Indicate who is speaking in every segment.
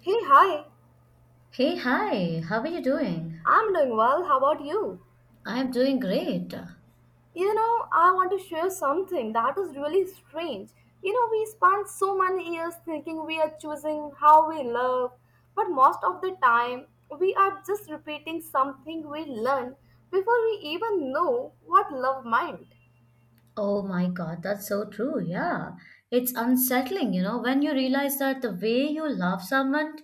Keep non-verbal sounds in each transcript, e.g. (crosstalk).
Speaker 1: Hey, hi.
Speaker 2: Hey, hi, how are you doing?
Speaker 1: I'm doing well. How about you?
Speaker 2: I'm doing great.
Speaker 1: You know, I want to share something that is really strange. You know, we spend so many years thinking we are choosing how we love, but most of the time, we are just repeating something we learned before we even know what love meant.
Speaker 2: Oh my God, that's so true. Yeah, it's unsettling, when you realize that the way you love someone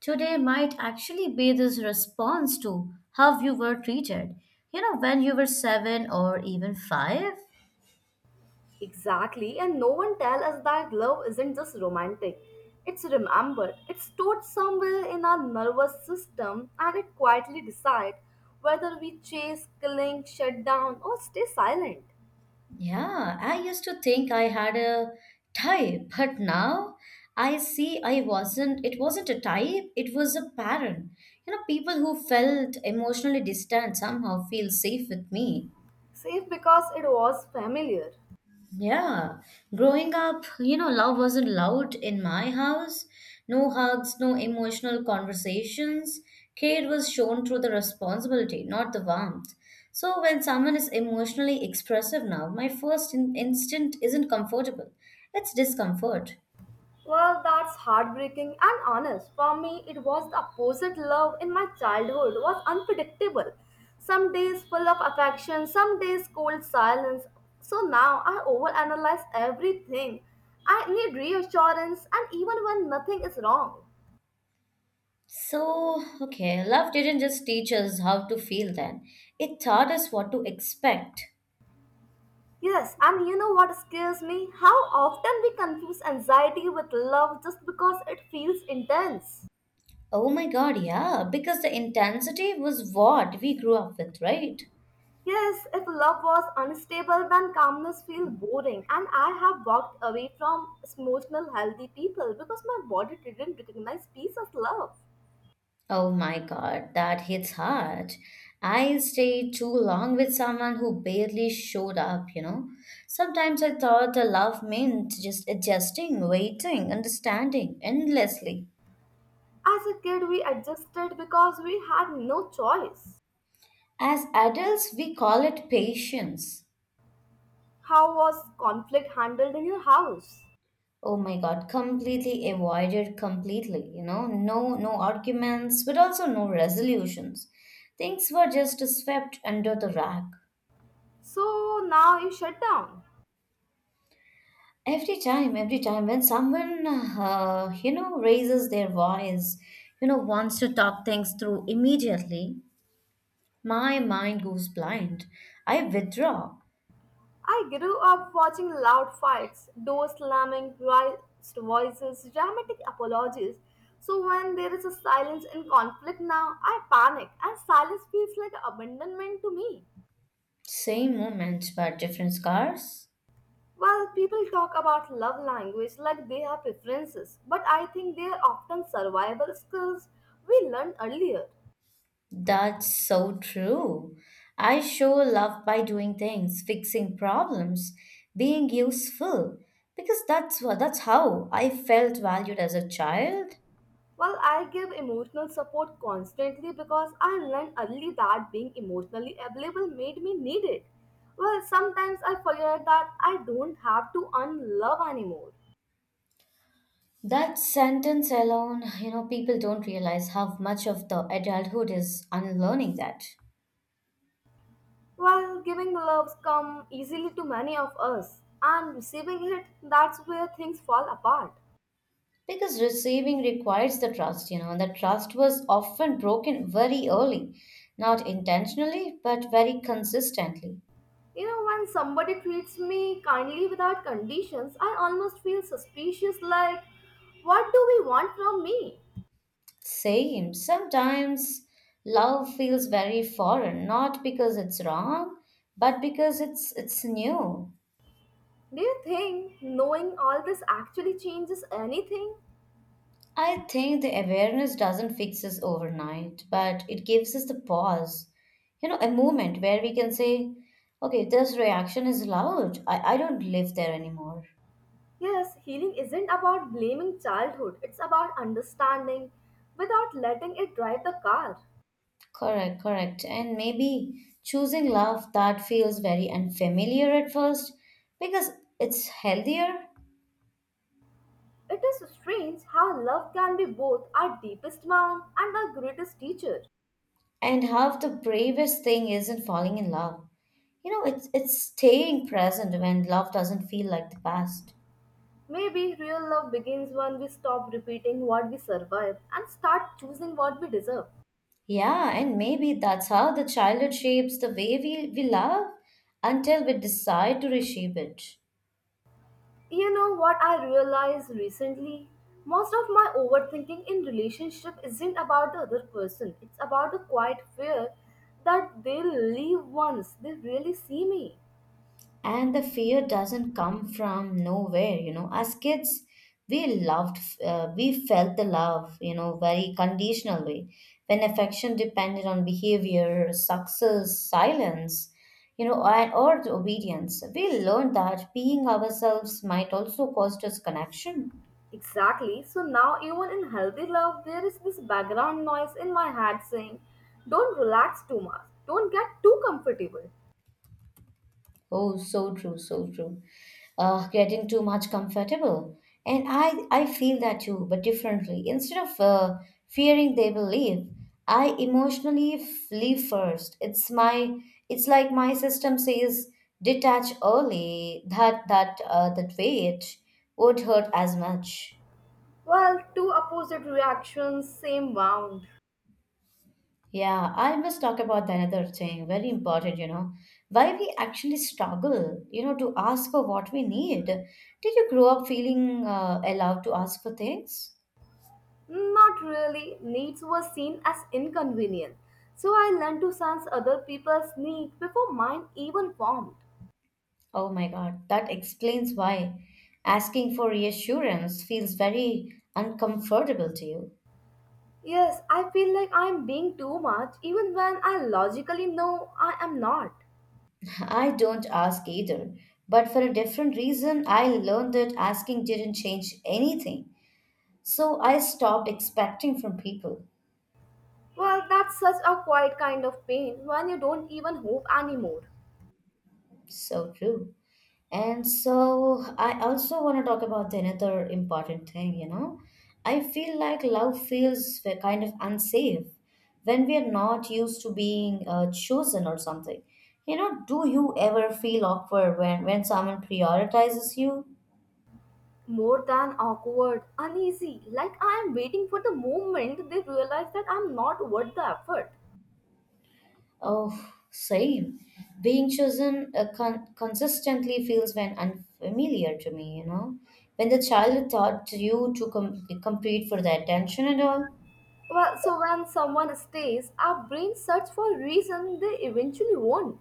Speaker 2: today might actually be this response to how you were treated. When you were seven or even five,
Speaker 1: Exactly, and no one tell us that love isn't just romantic. It's remembered, it's stored somewhere in our nervous system, and it quietly decides whether we chase, cling, shut down, or stay silent.
Speaker 2: yeah, I used to think I had a type, but now I see I wasn't. It wasn't a type, it was a pattern. People who felt emotionally distant somehow feel safe with me.
Speaker 1: Safe because it was familiar.
Speaker 2: Yeah, growing up, love wasn't loud in my house. No hugs, no emotional conversations. Care was shown through the responsibility, not the warmth. So when someone is emotionally expressive now, my first instinct isn't comfortable. It's discomfort.
Speaker 1: Well, that's heartbreaking and honest. For me, it was the opposite. Love in my childhood was unpredictable. Some days full of affection, some days cold silence. So now I overanalyze everything. I need reassurance, and even when nothing is wrong.
Speaker 2: So, okay, love didn't just teach us how to feel then. It taught us what to expect.
Speaker 1: Yes, and you know what scares me? How often we confuse anxiety with love just because it feels intense.
Speaker 2: Oh my God, yeah, because the intensity was what we grew up with, right?
Speaker 1: Yes, if love was unstable, then calmness feels boring. And I have walked away from emotional healthy people because my body didn't recognize peace as love.
Speaker 2: Oh my God, that hits hard. I stayed too long with someone who barely showed up, you know. Sometimes I thought the love meant just adjusting, waiting, understanding endlessly.
Speaker 1: As a kid, we adjusted because we had no choice.
Speaker 2: As adults, we call it patience.
Speaker 1: How was conflict handled in your house?
Speaker 2: Oh my God, completely avoided completely, you know. No arguments, but also no resolutions. Things were just swept under the rug.
Speaker 1: So now you shut down.
Speaker 2: Every time when someone, raises their voice, wants to talk things through immediately, my mind goes blind. I withdraw.
Speaker 1: I grew up watching loud fights, door slamming, raised voices, dramatic apologies. So when there is a silence in conflict now, I panic and silence feels like abandonment to me.
Speaker 2: Same moment, but different scars.
Speaker 1: Well, people talk about love language like they have preferences, but I think they are often survival skills we learned earlier.
Speaker 2: That's so true. I show love by doing things, fixing problems, being useful, because that's how I felt valued as a child.
Speaker 1: Well, I give emotional support constantly because I learned early that being emotionally available made me needed. Well, sometimes I forget that I don't have to earn love anymore.
Speaker 2: That sentence alone, people don't realize how much of the adulthood is unlearning that.
Speaker 1: Well, giving loves come easily to many of us, and receiving it, that's where things fall apart.
Speaker 2: Because receiving requires the trust, and the trust was often broken very early, not intentionally, but very consistently.
Speaker 1: You know, when somebody treats me kindly without conditions, I almost feel suspicious like, what do we want from me?
Speaker 2: Same, sometimes love feels very foreign, not because it's wrong, but because it's new.
Speaker 1: Do you think knowing all this actually changes anything?
Speaker 2: I think the awareness doesn't fix us overnight, but it gives us the pause, a moment where we can say, okay, this reaction is loud. I don't live there anymore.
Speaker 1: Yes, healing isn't about blaming childhood, it's about understanding without letting it drive the car.
Speaker 2: Correct, correct. And maybe choosing love that feels very unfamiliar at first because it's healthier.
Speaker 1: It is strange how love can be both our deepest mount and our greatest teacher.
Speaker 2: And half the bravest thing isn't falling in love. It's staying present when love doesn't feel like the past.
Speaker 1: Maybe real love begins when we stop repeating what we survived and start choosing what we deserve.
Speaker 2: Yeah, and maybe that's how the childhood shapes the way we love until we decide to reshape it.
Speaker 1: You know what I realized recently? Most of my overthinking in relationship isn't about the other person. It's about the quiet fear that they'll leave once they really see me.
Speaker 2: And the fear doesn't come from nowhere, you know. As kids, we loved, we felt the love, very conditional way. When affection depended on behavior, success, silence, or the obedience, we learned that being ourselves might also cost us connection.
Speaker 1: Exactly. So now even in healthy love there is this background noise in my head saying, don't relax too much. Don't get too comfortable.
Speaker 2: Oh, so true, so true. Getting too much comfortable. And I feel that too, but differently. Instead of fearing they will leave, I emotionally leave first. It's like my system says, detach early. That weight won't hurt as much.
Speaker 1: Well, two opposite reactions, same wound.
Speaker 2: Yeah, I must talk about the another thing, very important, why we actually struggle, to ask for what we need. Did you grow up feeling allowed to ask for things?
Speaker 1: Not really. Needs were seen as inconvenient. So I learned to sense other people's needs before mine even formed.
Speaker 2: Oh my God, that explains why asking for reassurance feels very uncomfortable to you.
Speaker 1: Yes, I feel like I am being too much even when I logically know I am not.
Speaker 2: (laughs) I don't ask either, but for a different reason, I learned that asking didn't change anything. So I stopped expecting from people.
Speaker 1: Well, that's such a quiet kind of pain when you don't even hope anymore.
Speaker 2: So true. And so I also want to talk about the another important thing, you know. I feel like love feels kind of unsafe when we are not used to being chosen or something. Do you ever feel awkward when, someone prioritizes you?
Speaker 1: More than awkward, uneasy, like I am waiting for the moment they realize that I'm not worth the effort.
Speaker 2: Oh, same. Being chosen consistently feels when unfamiliar to me, you know. When the child taught you to compete for the attention and all.
Speaker 1: Well, so when someone stays, our brain search for reason they eventually won't.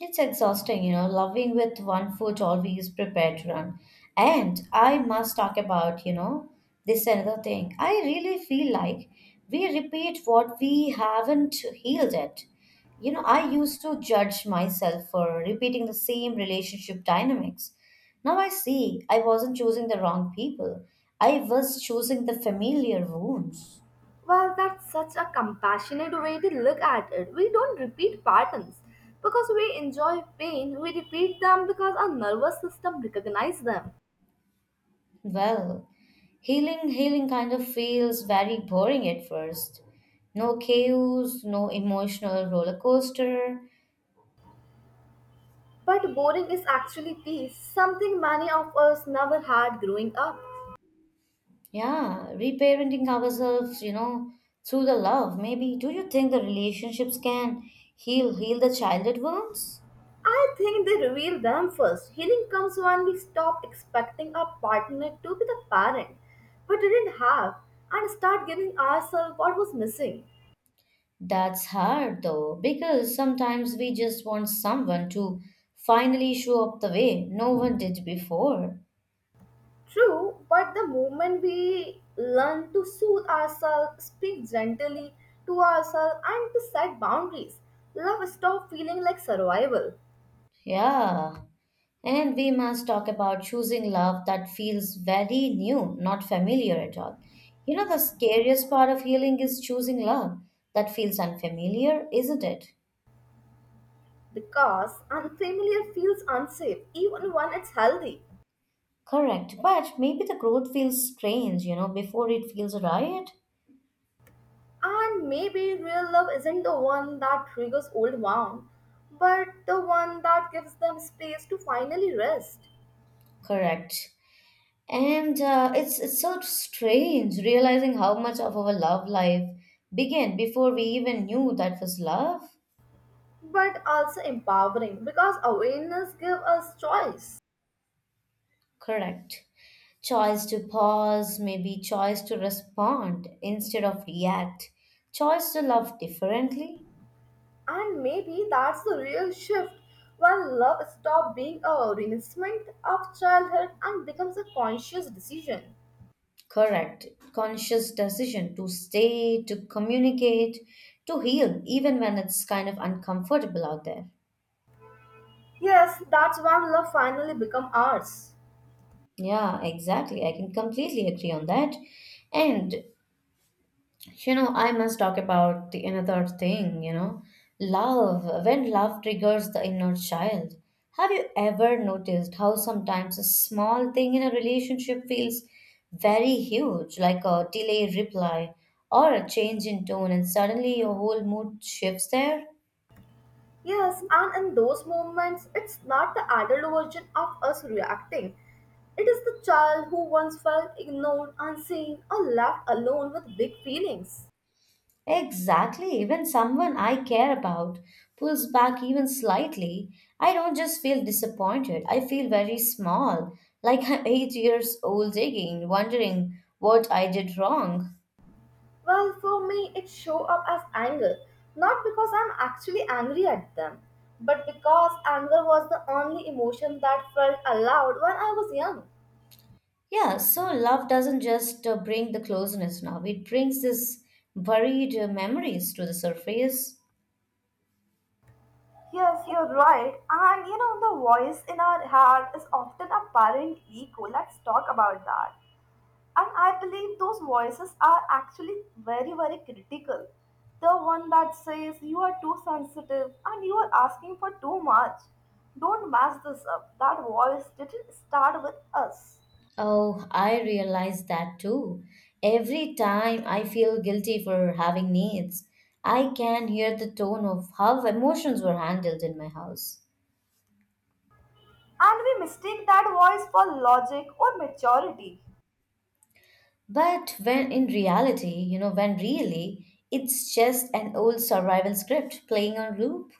Speaker 2: It's exhausting, loving with one foot always prepared to run. And I must talk about, this another thing. I really feel like we repeat what we haven't healed yet. I used to judge myself for repeating the same relationship dynamics. Now I see I wasn't choosing the wrong people. I was choosing the familiar wounds.
Speaker 1: Well, that's such a compassionate way to look at it. We don't repeat patterns because we enjoy pain, we repeat them because our nervous system recognizes them.
Speaker 2: Well, healing kind of feels very boring at first. No chaos, no emotional roller coaster.
Speaker 1: But boring is actually peace, something many of us never had growing up.
Speaker 2: Yeah, reparenting ourselves, through the love. Maybe do you think the relationships can heal the childhood wounds?
Speaker 1: I think they reveal them first. Healing comes when we stop expecting our partner to be the parent we didn't have and start giving ourselves what was missing.
Speaker 2: That's hard though, because sometimes we just want someone to finally show up the way no one did before.
Speaker 1: True, but the moment we learn to soothe ourselves, speak gently to ourselves, and to set boundaries, love stops feeling like survival
Speaker 2: Yeah. And we must talk about choosing love that feels very new, not familiar at all. The scariest part of healing is choosing love that feels unfamiliar, isn't it?
Speaker 1: because unfamiliar feels unsafe even when it's healthy.
Speaker 2: Correct. But maybe the growth feels strange, before it feels right.
Speaker 1: And maybe real love isn't the one that triggers old wound, but the one that gives them space to finally rest,
Speaker 2: Correct. And it's so strange realizing how much of our love life began before we even knew that was love.
Speaker 1: but also empowering because awareness gives us choice.
Speaker 2: Correct. Choice to pause, maybe choice to respond instead of react. Choice to love differently.
Speaker 1: And maybe that's the real shift when love stops being a reminiscent of childhood and becomes a conscious decision.
Speaker 2: Correct. Conscious decision to stay, to communicate, to heal, even when it's kind of uncomfortable out there.
Speaker 1: Yes, that's when love finally becomes ours.
Speaker 2: Yeah, exactly. I can completely agree on that. And I must talk about the another thing, love. When love triggers the inner child, have you ever noticed how sometimes a small thing in a relationship feels very huge, like a delayed reply or a change in tone, and suddenly your whole mood shifts there?
Speaker 1: Yes, and in those moments, it's not the adult version of us reacting. It is the child who once felt ignored, unseen, or left alone with big feelings.
Speaker 2: Exactly. Even someone I care about pulls back even slightly, I don't just feel disappointed. I feel very small, like I'm (laughs) 8 years old again, wondering what I did wrong.
Speaker 1: Well, for me, it show up as anger, not because I'm actually angry at them, but because anger was the only emotion that felt allowed when I was young.
Speaker 2: Yeah, so love doesn't just bring the closeness now, it brings this buried memories to the surface.
Speaker 1: Yes, you're right. And you know, the voice in our head is often a parent ego. Let's talk about that. And I believe those voices are actually very, very critical. The one that says you are too sensitive and you are asking for too much. Don't mess this up. That voice didn't start with us.
Speaker 2: Oh, I realize that too. Every time I feel guilty for having needs, I can hear the tone of how emotions were handled in my house.
Speaker 1: And we mistake that voice for logic or maturity.
Speaker 2: But when in reality, when really, it's just an old survival script playing on loop.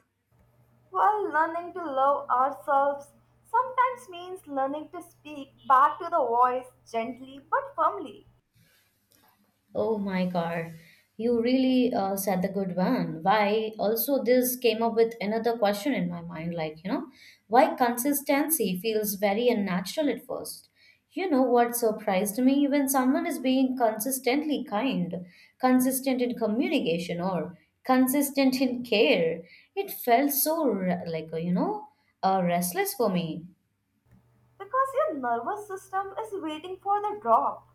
Speaker 1: While learning to love ourselves sometimes means learning to speak back to the voice gently but firmly
Speaker 2: Oh my God, you really said the good one. Why also this came up with another question in my mind, like, why consistency feels very unnatural at first. You know what surprised me? When someone is being consistently kind, consistent in communication, or consistent in care, it felt so, restless for me.
Speaker 1: because your nervous system is waiting for the drop.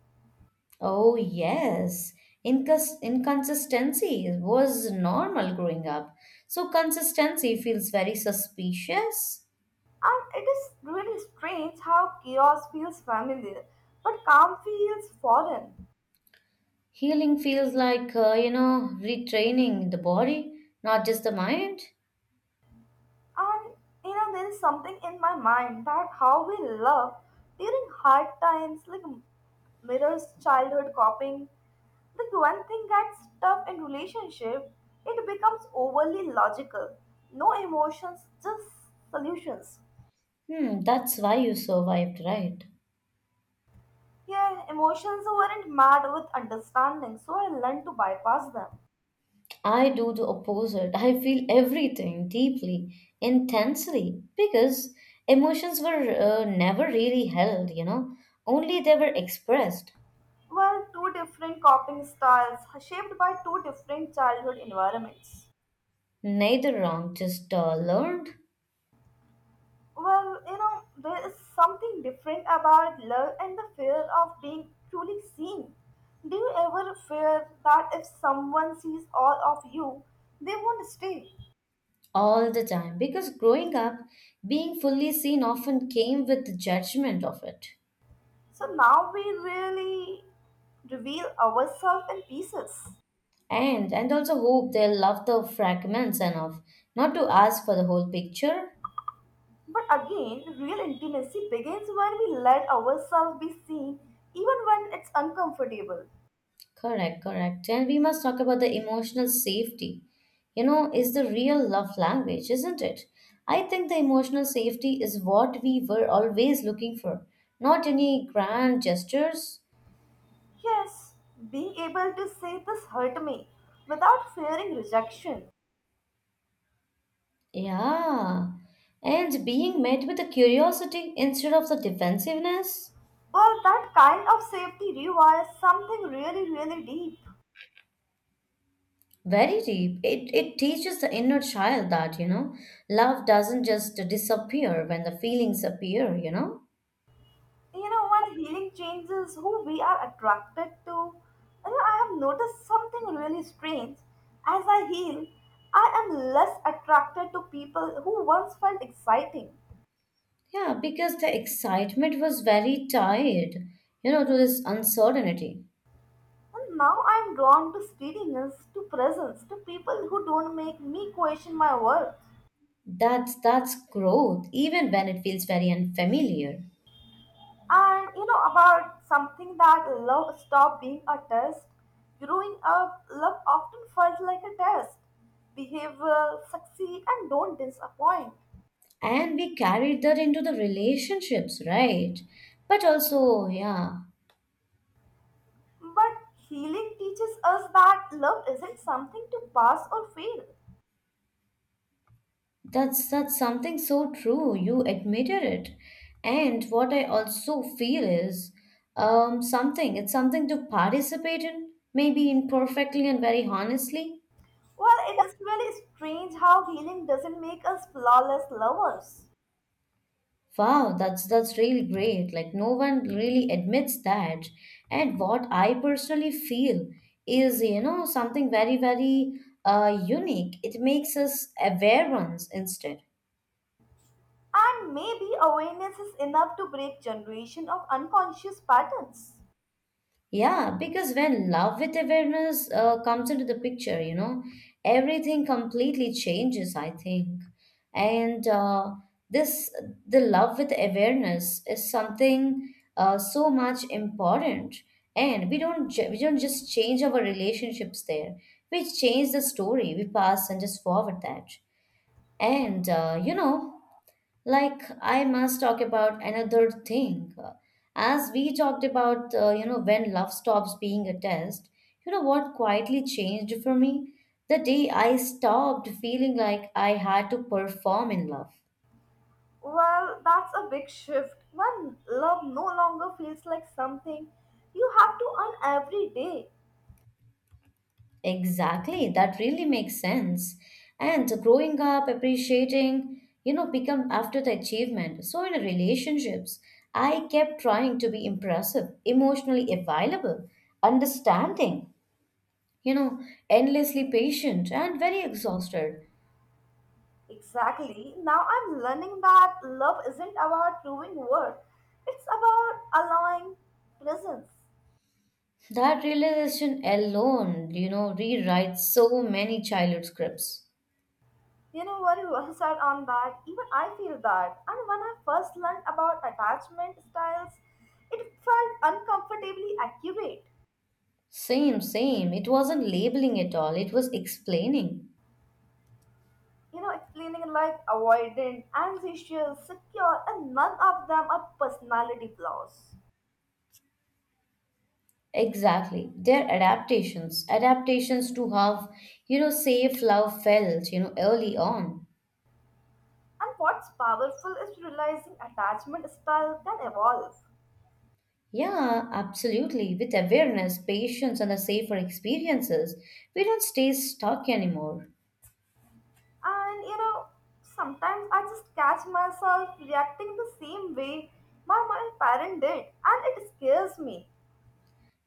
Speaker 2: Oh, yes. Inconsistency was normal growing up. So consistency feels very suspicious.
Speaker 1: And it is really strange how chaos feels familiar, but calm feels foreign.
Speaker 2: Healing feels like, retraining the body, not just the mind.
Speaker 1: And you know, there is something in my mind that how we love during hard times, like mirrors childhood copying. Like when thing gets tough in relationship, it becomes overly logical. No emotions, just solutions.
Speaker 2: Hmm, that's why you survived, right?
Speaker 1: Yeah, emotions weren't mad with understanding, so I learned to bypass them.
Speaker 2: I do the opposite. I feel everything deeply, intensely, because emotions were never really held, only they were expressed.
Speaker 1: Well, two different coping styles shaped by two different childhood environments.
Speaker 2: Neither wrong, just learned.
Speaker 1: Well, you know, there is something different about love and the fear of being truly seen. Do you ever fear that if someone sees all of you, they won't stay?
Speaker 2: All the time, because growing up, being fully seen often came with the judgment of it.
Speaker 1: So now we really reveal ourselves in pieces.
Speaker 2: And also hope they'll love the fragments enough not to ask for the whole picture.
Speaker 1: But again, real intimacy begins when we let ourselves be seen, even when it's uncomfortable.
Speaker 2: Correct correct and we must talk about the emotional safety, is the real love language, isn't it? I think the emotional safety is what we were always looking for, not any grand gestures.
Speaker 1: Yes, being able to say this hurt me without fearing rejection.
Speaker 2: Yeah, and being met with the curiosity instead of the defensiveness.
Speaker 1: Well, that kind of safety requires something really, really deep.
Speaker 2: Very deep. It teaches the inner child that, love doesn't just disappear when the feelings appear,
Speaker 1: You know, when healing changes who we are attracted to, you know, I have noticed something really strange. As I heal, I am less attracted to people who once felt exciting.
Speaker 2: Yeah, because the excitement was very tied, to this uncertainty.
Speaker 1: And now I am drawn to steadiness, to presence, to people who don't make me question my worth.
Speaker 2: That's growth, even when it feels very unfamiliar.
Speaker 1: And you know about something that love stopped being a test. Growing up, love often felt like a test. Behave well, succeed, and don't disappoint.
Speaker 2: And we carried that into the relationships, right? But also, yeah,
Speaker 1: But healing teaches us that love isn't something to pass or fail.
Speaker 2: that's something so true. You admitted it. And what I also feel is something it's something to participate in, maybe imperfectly and very honestly.
Speaker 1: Well, it is really strange how healing doesn't make us flawless lovers.
Speaker 2: Wow, that's really great. Like no one really admits that. And what I personally feel is, something very, very unique. It makes us awareness instead.
Speaker 1: And maybe awareness is enough to break generation of unconscious patterns.
Speaker 2: Yeah, because when love with awareness comes into the picture, everything completely changes, I think. And this, the love with awareness is something so much important. And we don't just change our relationships there. We change the story we pass and just forward that. And like I must talk about another thing. As we talked about, when love stops being a test, you know what quietly changed for me? The day I stopped feeling like I had to perform in love.
Speaker 1: Well, that's a big shift when love no longer feels like something you have to earn every day.
Speaker 2: Exactly that really makes sense. And growing up appreciating, become after the achievement. So in relationships I kept trying to be impressive, emotionally available, understanding, you know, endlessly patient and very exhausted.
Speaker 1: Exactly. Now I'm learning that love isn't about proving worth, it's about allowing presence.
Speaker 2: That realization alone, rewrites so many childhood scripts.
Speaker 1: You know, very well (laughs) said on that. Even I feel that. And when I first learned about attachment styles, it felt uncomfortably accurate.
Speaker 2: Same, same. It wasn't labeling at all, it was explaining.
Speaker 1: You know, explaining like avoidant, antisocial, secure, and none of them are personality flaws.
Speaker 2: Exactly. They're adaptations. Adaptations to how, safe love felt, early on.
Speaker 1: And what's powerful is realizing attachment style can evolve.
Speaker 2: Yeah, absolutely. With awareness, patience, and the safer experiences, we don't stay stuck anymore.
Speaker 1: And you know, sometimes I just catch myself reacting the same way my parent did, and it scares me.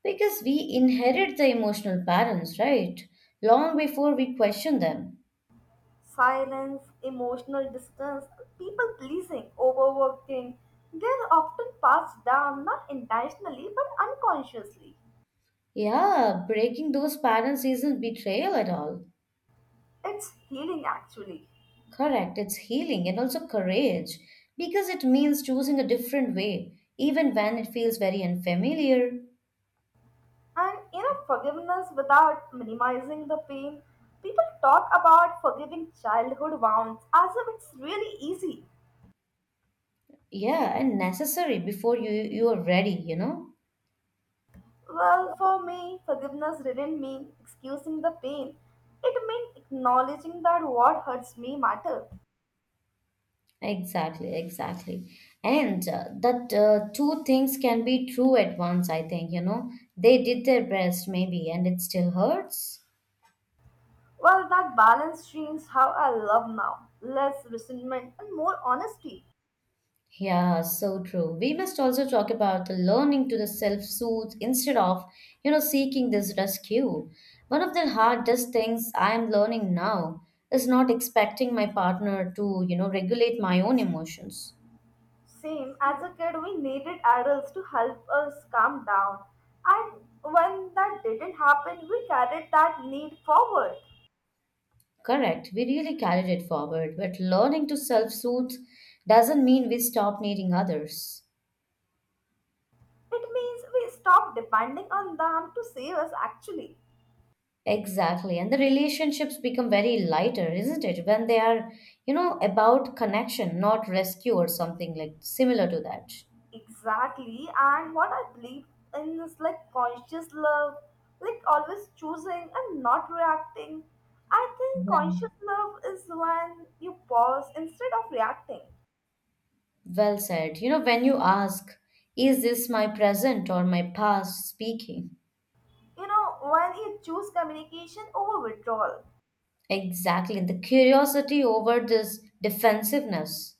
Speaker 2: Because we inherit the emotional patterns, right? Long before we question them.
Speaker 1: Silence, emotional distance, people pleasing, overworking, they're often passed down not intentionally but unconsciously.
Speaker 2: Yeah, breaking those patterns isn't betrayal at all.
Speaker 1: It's healing actually.
Speaker 2: Correct, it's healing and also courage because it means choosing a different way, even when it feels very unfamiliar.
Speaker 1: And you know, forgiveness without minimizing the pain. People talk about forgiving childhood wounds as if it's really easy.
Speaker 2: Yeah, and necessary before you are ready, you know?
Speaker 1: Well, for me, forgiveness didn't mean excusing the pain. It meant acknowledging that what hurts me mattered.
Speaker 2: Exactly, exactly. And that two things can be true at once, I think, you know? They did their best maybe and it still hurts.
Speaker 1: Well, that balance streams how I love now. Less resentment and more honesty.
Speaker 2: Yeah, so true. We must also talk about the learning to the self-soothe instead of, you know, seeking this rescue. One of the hardest things I am learning now is not expecting my partner to, you know, regulate my own emotions.
Speaker 1: Same, as a kid, we needed adults to help us calm down. And when that didn't happen, we carried that need forward.
Speaker 2: Correct. We really carried it forward, but learning to self-soothe doesn't mean we stop needing others.
Speaker 1: It means we stop depending on them to save us actually.
Speaker 2: Exactly. And the relationships become very lighter, isn't it? When they are, you know, about connection, not rescue or something like similar to that.
Speaker 1: Exactly, and what I believe in is like conscious love, like always choosing and not reacting. I think conscious
Speaker 2: Well,
Speaker 1: love is when you pause instead of reacting.
Speaker 2: well said. You know, when you ask, is this my present or my past speaking?
Speaker 1: You know, when you choose communication over withdrawal.
Speaker 2: Exactly. The curiosity over this defensiveness.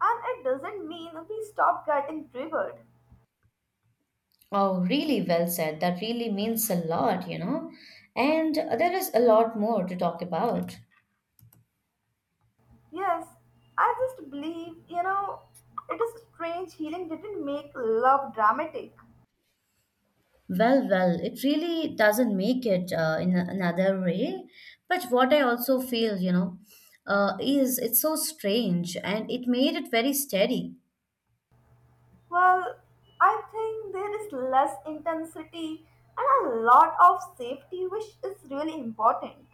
Speaker 1: And it doesn't mean we stop getting triggered.
Speaker 2: Oh, really well said. That really means a lot, you know. And there is a lot more to talk about.
Speaker 1: Yes, I just believe, you know, it is strange healing didn't make love dramatic.
Speaker 2: Well, it really doesn't make it in another way. But what I also feel, you know, is it's so strange and it made it very steady.
Speaker 1: Well, I think there is less intensity and a lot of safety, which is really important.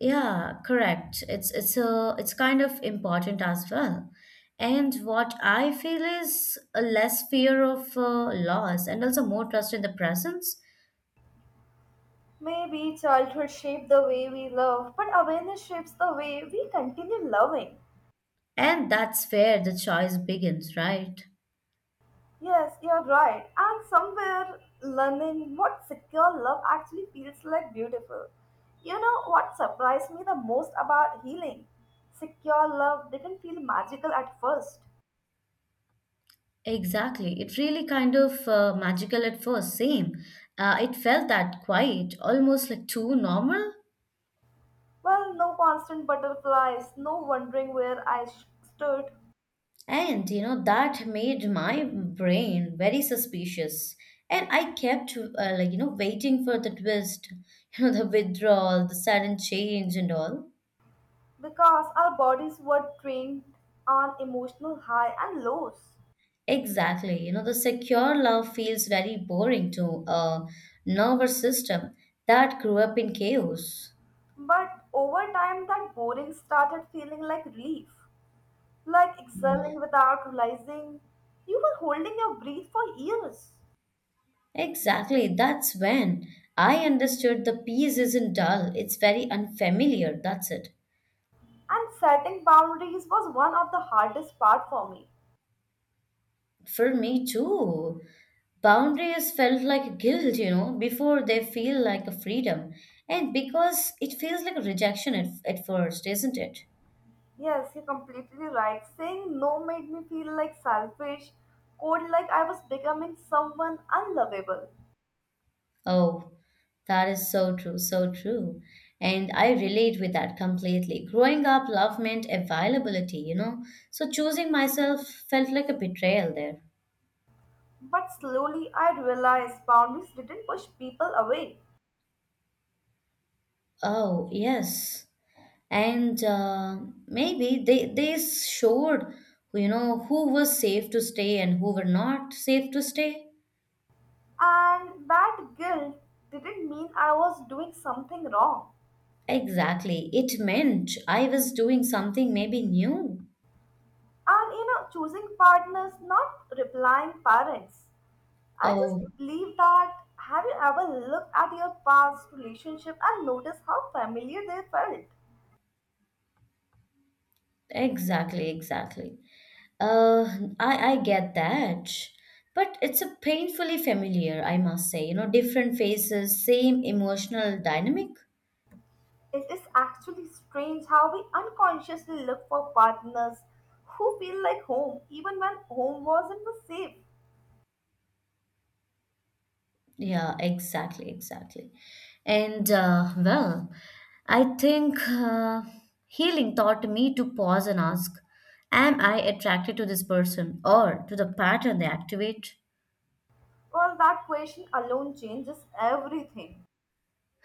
Speaker 2: Yeah, correct. It's kind of important as well. And what I feel is a less fear of loss and also more trust in the presence.
Speaker 1: Maybe childhood shaped the way we love, but awareness shapes the way we continue loving.
Speaker 2: And that's where the choice begins, right?
Speaker 1: Yes, you're right. And somewhere learning what secure love actually feels like beautiful. You know what surprised me the most about healing? Secure love didn't feel magical at first.
Speaker 2: Exactly. It really kind of magical at first. Same. It felt that quiet, almost like too normal.
Speaker 1: Well, no constant butterflies, no wondering where I stood,
Speaker 2: And you know, that made my brain very suspicious. And I kept, like, you know, waiting for the twist, (laughs) you know, the withdrawal, the sudden change, and all.
Speaker 1: because our bodies were trained on emotional high and lows.
Speaker 2: Exactly. You know, the secure love feels very boring to a nervous system that grew up in chaos.
Speaker 1: But over time, that boring started feeling like relief, like exhaling without realizing you were holding your breath for years.
Speaker 2: Exactly. That's when I understood the peace isn't dull, it's very unfamiliar. That's it.
Speaker 1: And setting boundaries was one of the hardest part for me.
Speaker 2: For me, too. Boundaries felt like guilt, you know, before they feel like a freedom, and because it feels like a rejection at, first, isn't it?
Speaker 1: Yes, you're completely right. Saying no made me feel like selfish, cold, like I was becoming someone unlovable.
Speaker 2: Oh, that is so true, so true. And I relate with that completely. Growing up, love meant availability, you know, so choosing myself felt like a betrayal there.
Speaker 1: But slowly I realized boundaries didn't push people away,
Speaker 2: Oh yes. And maybe they showed, you know, who was safe to stay and who were not safe to stay.
Speaker 1: and that guilt didn't mean I was doing something wrong.
Speaker 2: Exactly. It meant I was doing something maybe new.
Speaker 1: And you know, choosing partners, not replying parents. I
Speaker 2: Oh,
Speaker 1: just believe that have you ever looked at your past relationship and noticed how familiar they felt?
Speaker 2: exactly, exactly. Uh, I get that. But it's a painfully familiar, I must say. You know, different faces, same emotional dynamic.
Speaker 1: It is actually strange how we unconsciously look for partners who feel like home, even when home wasn't the safe.
Speaker 2: Yeah, exactly, exactly. And uh, well, I think healing taught me to pause and ask, am I attracted to this person or to the pattern they activate?
Speaker 1: Well, that question alone changes everything.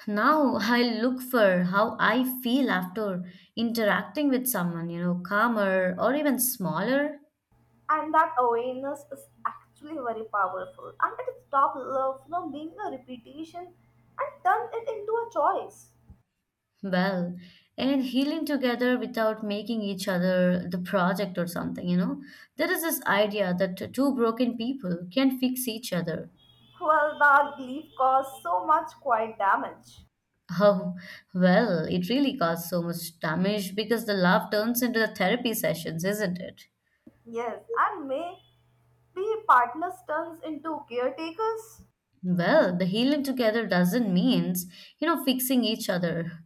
Speaker 2: Now I look for how I feel after interacting with someone, you know, calmer or even smaller.
Speaker 1: And that awareness is actually very powerful. And it stops love from being a repetition and turns it into a choice.
Speaker 2: Well, and healing together without making each other the project or something, you know. There is this idea that two broken people can fix each other.
Speaker 1: Well, that belief caused so much quiet damage.
Speaker 2: Oh, well, it really caused so much damage because the love turns into the therapy sessions, isn't it?
Speaker 1: Yes, and may be partners turns into caretakers.
Speaker 2: Well, the healing together doesn't means, you know, fixing each other.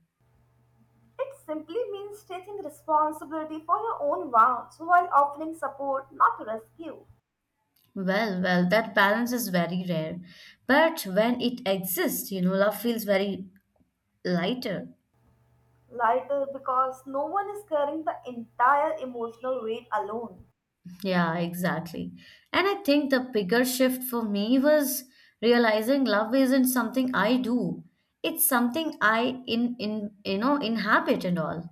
Speaker 1: It simply means taking responsibility for your own vows while offering support, not rescue.
Speaker 2: Well, well, that balance is very rare. But when it exists, you know, love feels very lighter.
Speaker 1: Lighter because no one is carrying the entire emotional weight alone.
Speaker 2: Yeah, exactly. And I think the bigger shift for me was realizing love isn't something I do. It's something I in inhabit and all.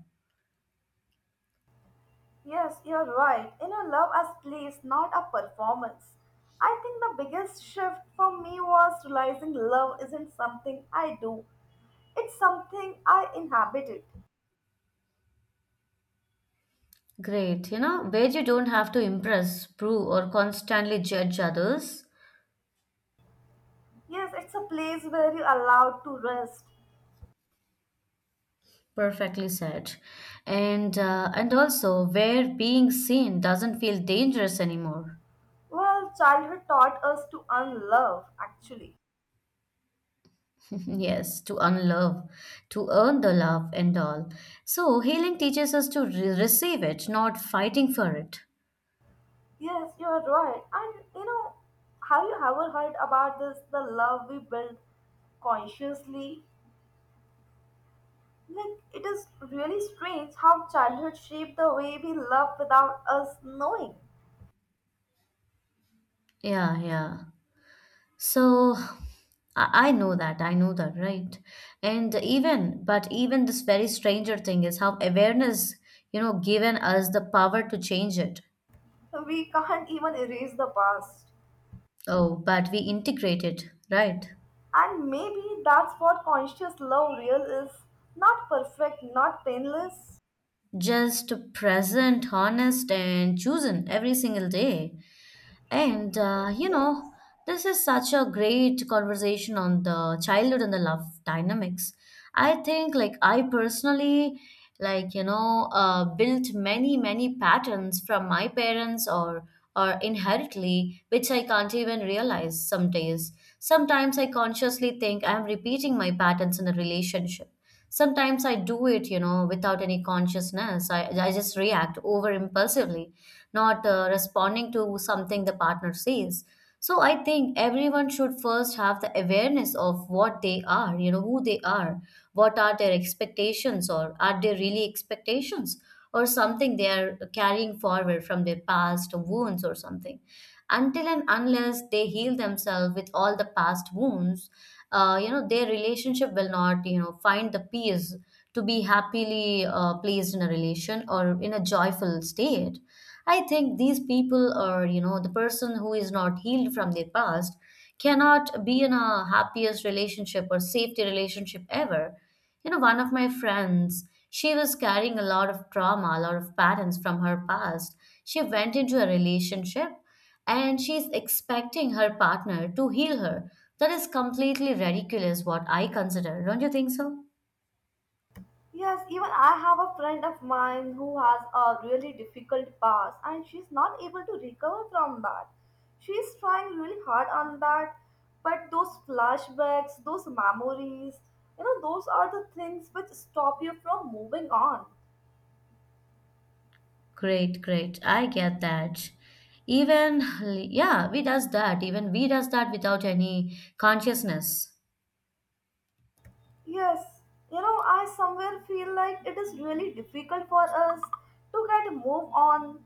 Speaker 1: Yes, you're right. You know, love as play is not a performance. I think the biggest shift for me was realizing love isn't something I do, it's something I inhabit it.
Speaker 2: Great, you know, where you don't have to impress, prove, or constantly judge others.
Speaker 1: Yes, it's a place where you're allowed to rest.
Speaker 2: Perfectly said. And and also where being seen doesn't feel dangerous anymore.
Speaker 1: Well, childhood taught us to unlove, actually.
Speaker 2: (laughs) Yes, to unlove, to earn the love and all. So healing teaches us to receive it, not fighting for it.
Speaker 1: Yes, you're right. And you know, have you ever heard about this the love we build consciously? Like, it is really strange how childhood shaped the way we love without us knowing.
Speaker 2: Yeah, yeah. So I know that, I know that, right? And even, but even this very stranger thing is how awareness, you know, given us the power to change it.
Speaker 1: We can't even erase the past.
Speaker 2: Oh, but we integrate it, right?
Speaker 1: And maybe that's what conscious love real is, not perfect, not painless.
Speaker 2: Just present, honest, and chosen every single day. And You know, this is such a great conversation on the childhood and the love dynamics. I think, like, I personally, like, you know, built many, many patterns from my parents or inherently, which I can't even realize some days. Sometimes I consciously think I'm repeating my patterns in a relationship. Sometimes I do it, you know, without any consciousness. I just react over impulsively, not responding to something the partner says. So I think everyone should first have the awareness of what they are, you know, who they are, what are their expectations, or are they really expectations, or something they are carrying forward from their past wounds or something. Until and unless they heal themselves with all the past wounds, you know, their relationship will not, you know, find the peace to be happily placed in a relation or in a joyful state. I think these people, or you know, the person who is not healed from their past cannot be in a happiest relationship or safety relationship ever. You know, one of my friends, she was carrying a lot of trauma, a lot of patterns from her past. She went into a relationship and she's expecting her partner to heal her. That is completely ridiculous, what I consider. Don't you think so?
Speaker 1: Yes, even I have a friend of mine who has a really difficult past and she's not able to recover from that. She's trying really hard on that, but those flashbacks, those memories, you know, those are the things which stop you from moving on.
Speaker 2: Great, great. I get that. Even, yeah, we does that. Even we does that without any consciousness.
Speaker 1: Yes, you know, I somewhere feel like it is really difficult for us to get move on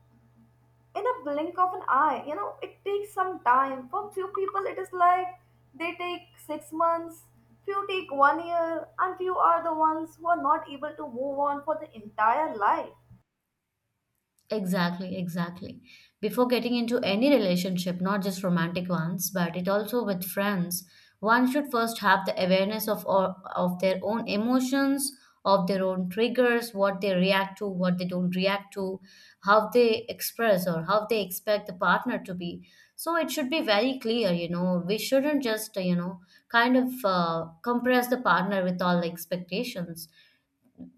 Speaker 1: in a blink of an eye. You know, it takes some time. For few people it is like they take 6 months, few take 1 year, and few are the ones who are not able to move on for the entire life.
Speaker 2: Exactly, exactly. Before getting into any relationship, not just romantic ones, but it also with friends, one should first have the awareness of or, of their own emotions, of their own triggers, what they react to, what they don't react to, how they express or how they expect the partner to be. So it should be very clear, you know, we shouldn't just, you know, kind of compress the partner with all the expectations.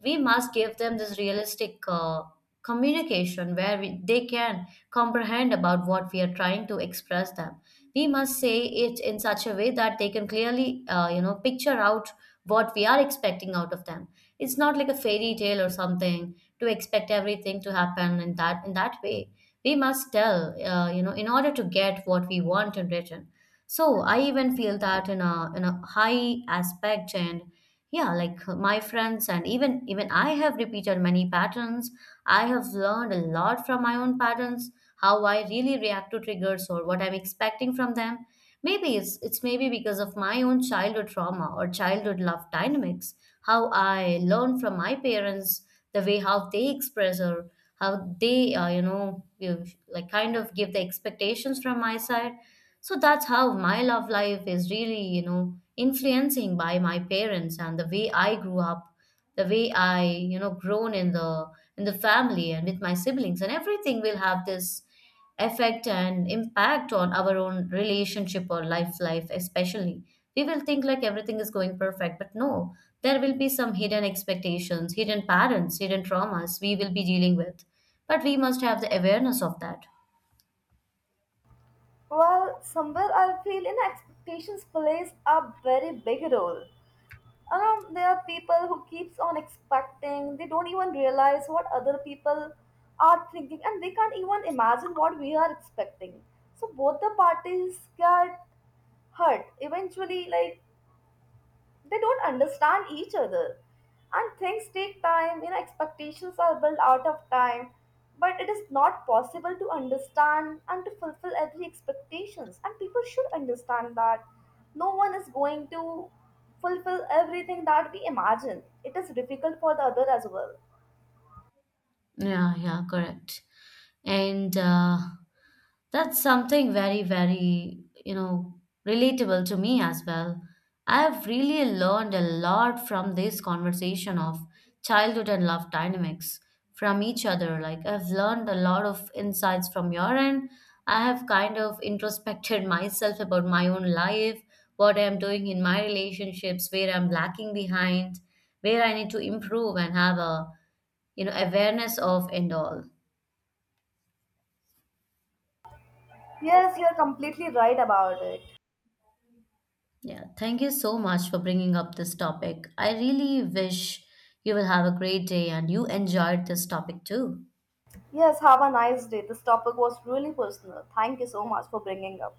Speaker 2: We must give them this realistic communication where we, they can comprehend about what we are trying to express them. We must say it in such a way that they can clearly you know, picture out what we are expecting out of them. It's not like a fairy tale or something to expect everything to happen in that way. We must tell, you know, in order to get what we want in return. So I even feel that in a high aspect. And yeah, like my friends, and even I have repeated many patterns. I have learned a lot from my own patterns, how I really react to triggers or what I'm expecting from them. Maybe it's maybe because of my own childhood trauma or childhood love dynamics, how I learned from my parents, the way how they express or how they you know, give, like kind of give the expectations from my side. So that's how my love life is really, you know, influencing by my parents and the way I grew up, the way I, you know, grown in the family and with my siblings, and everything will have this effect and impact on our own relationship or life especially. We will think like everything is going perfect, but no, there will be some hidden expectations, hidden parents, hidden traumas we will be dealing with. But we must have the awareness of that.
Speaker 1: Well, somewhere I feel in expectations plays a very big role. There are people who keeps on expecting. They don't even realize what other people are thinking, and they can't even imagine what we are expecting. So both the parties get hurt eventually, like they don't understand each other, and things take time. You know, expectations are built out of time, but it is not possible to understand and to fulfill every expectations, and people should understand that no one is going to fulfill everything that we imagine. It is difficult for the other as well.
Speaker 2: Yeah, yeah, correct. And That's something very, very, you know, relatable to me as well. I've really learned a lot from this conversation of childhood and love dynamics from each other. Like, I've learned a lot of insights from your end. I have kind of introspected (laughs) myself about my own life, what I'm doing in my relationships, where I'm lacking behind, where I need to improve and have a, you know, awareness of and all.
Speaker 1: Yes, you're completely right about it.
Speaker 2: Yeah, thank you so much for bringing up this topic. I really wish you will have a great day, and you enjoyed this topic too.
Speaker 1: Yes, have a nice day. This topic was really personal. Thank you so much for bringing up.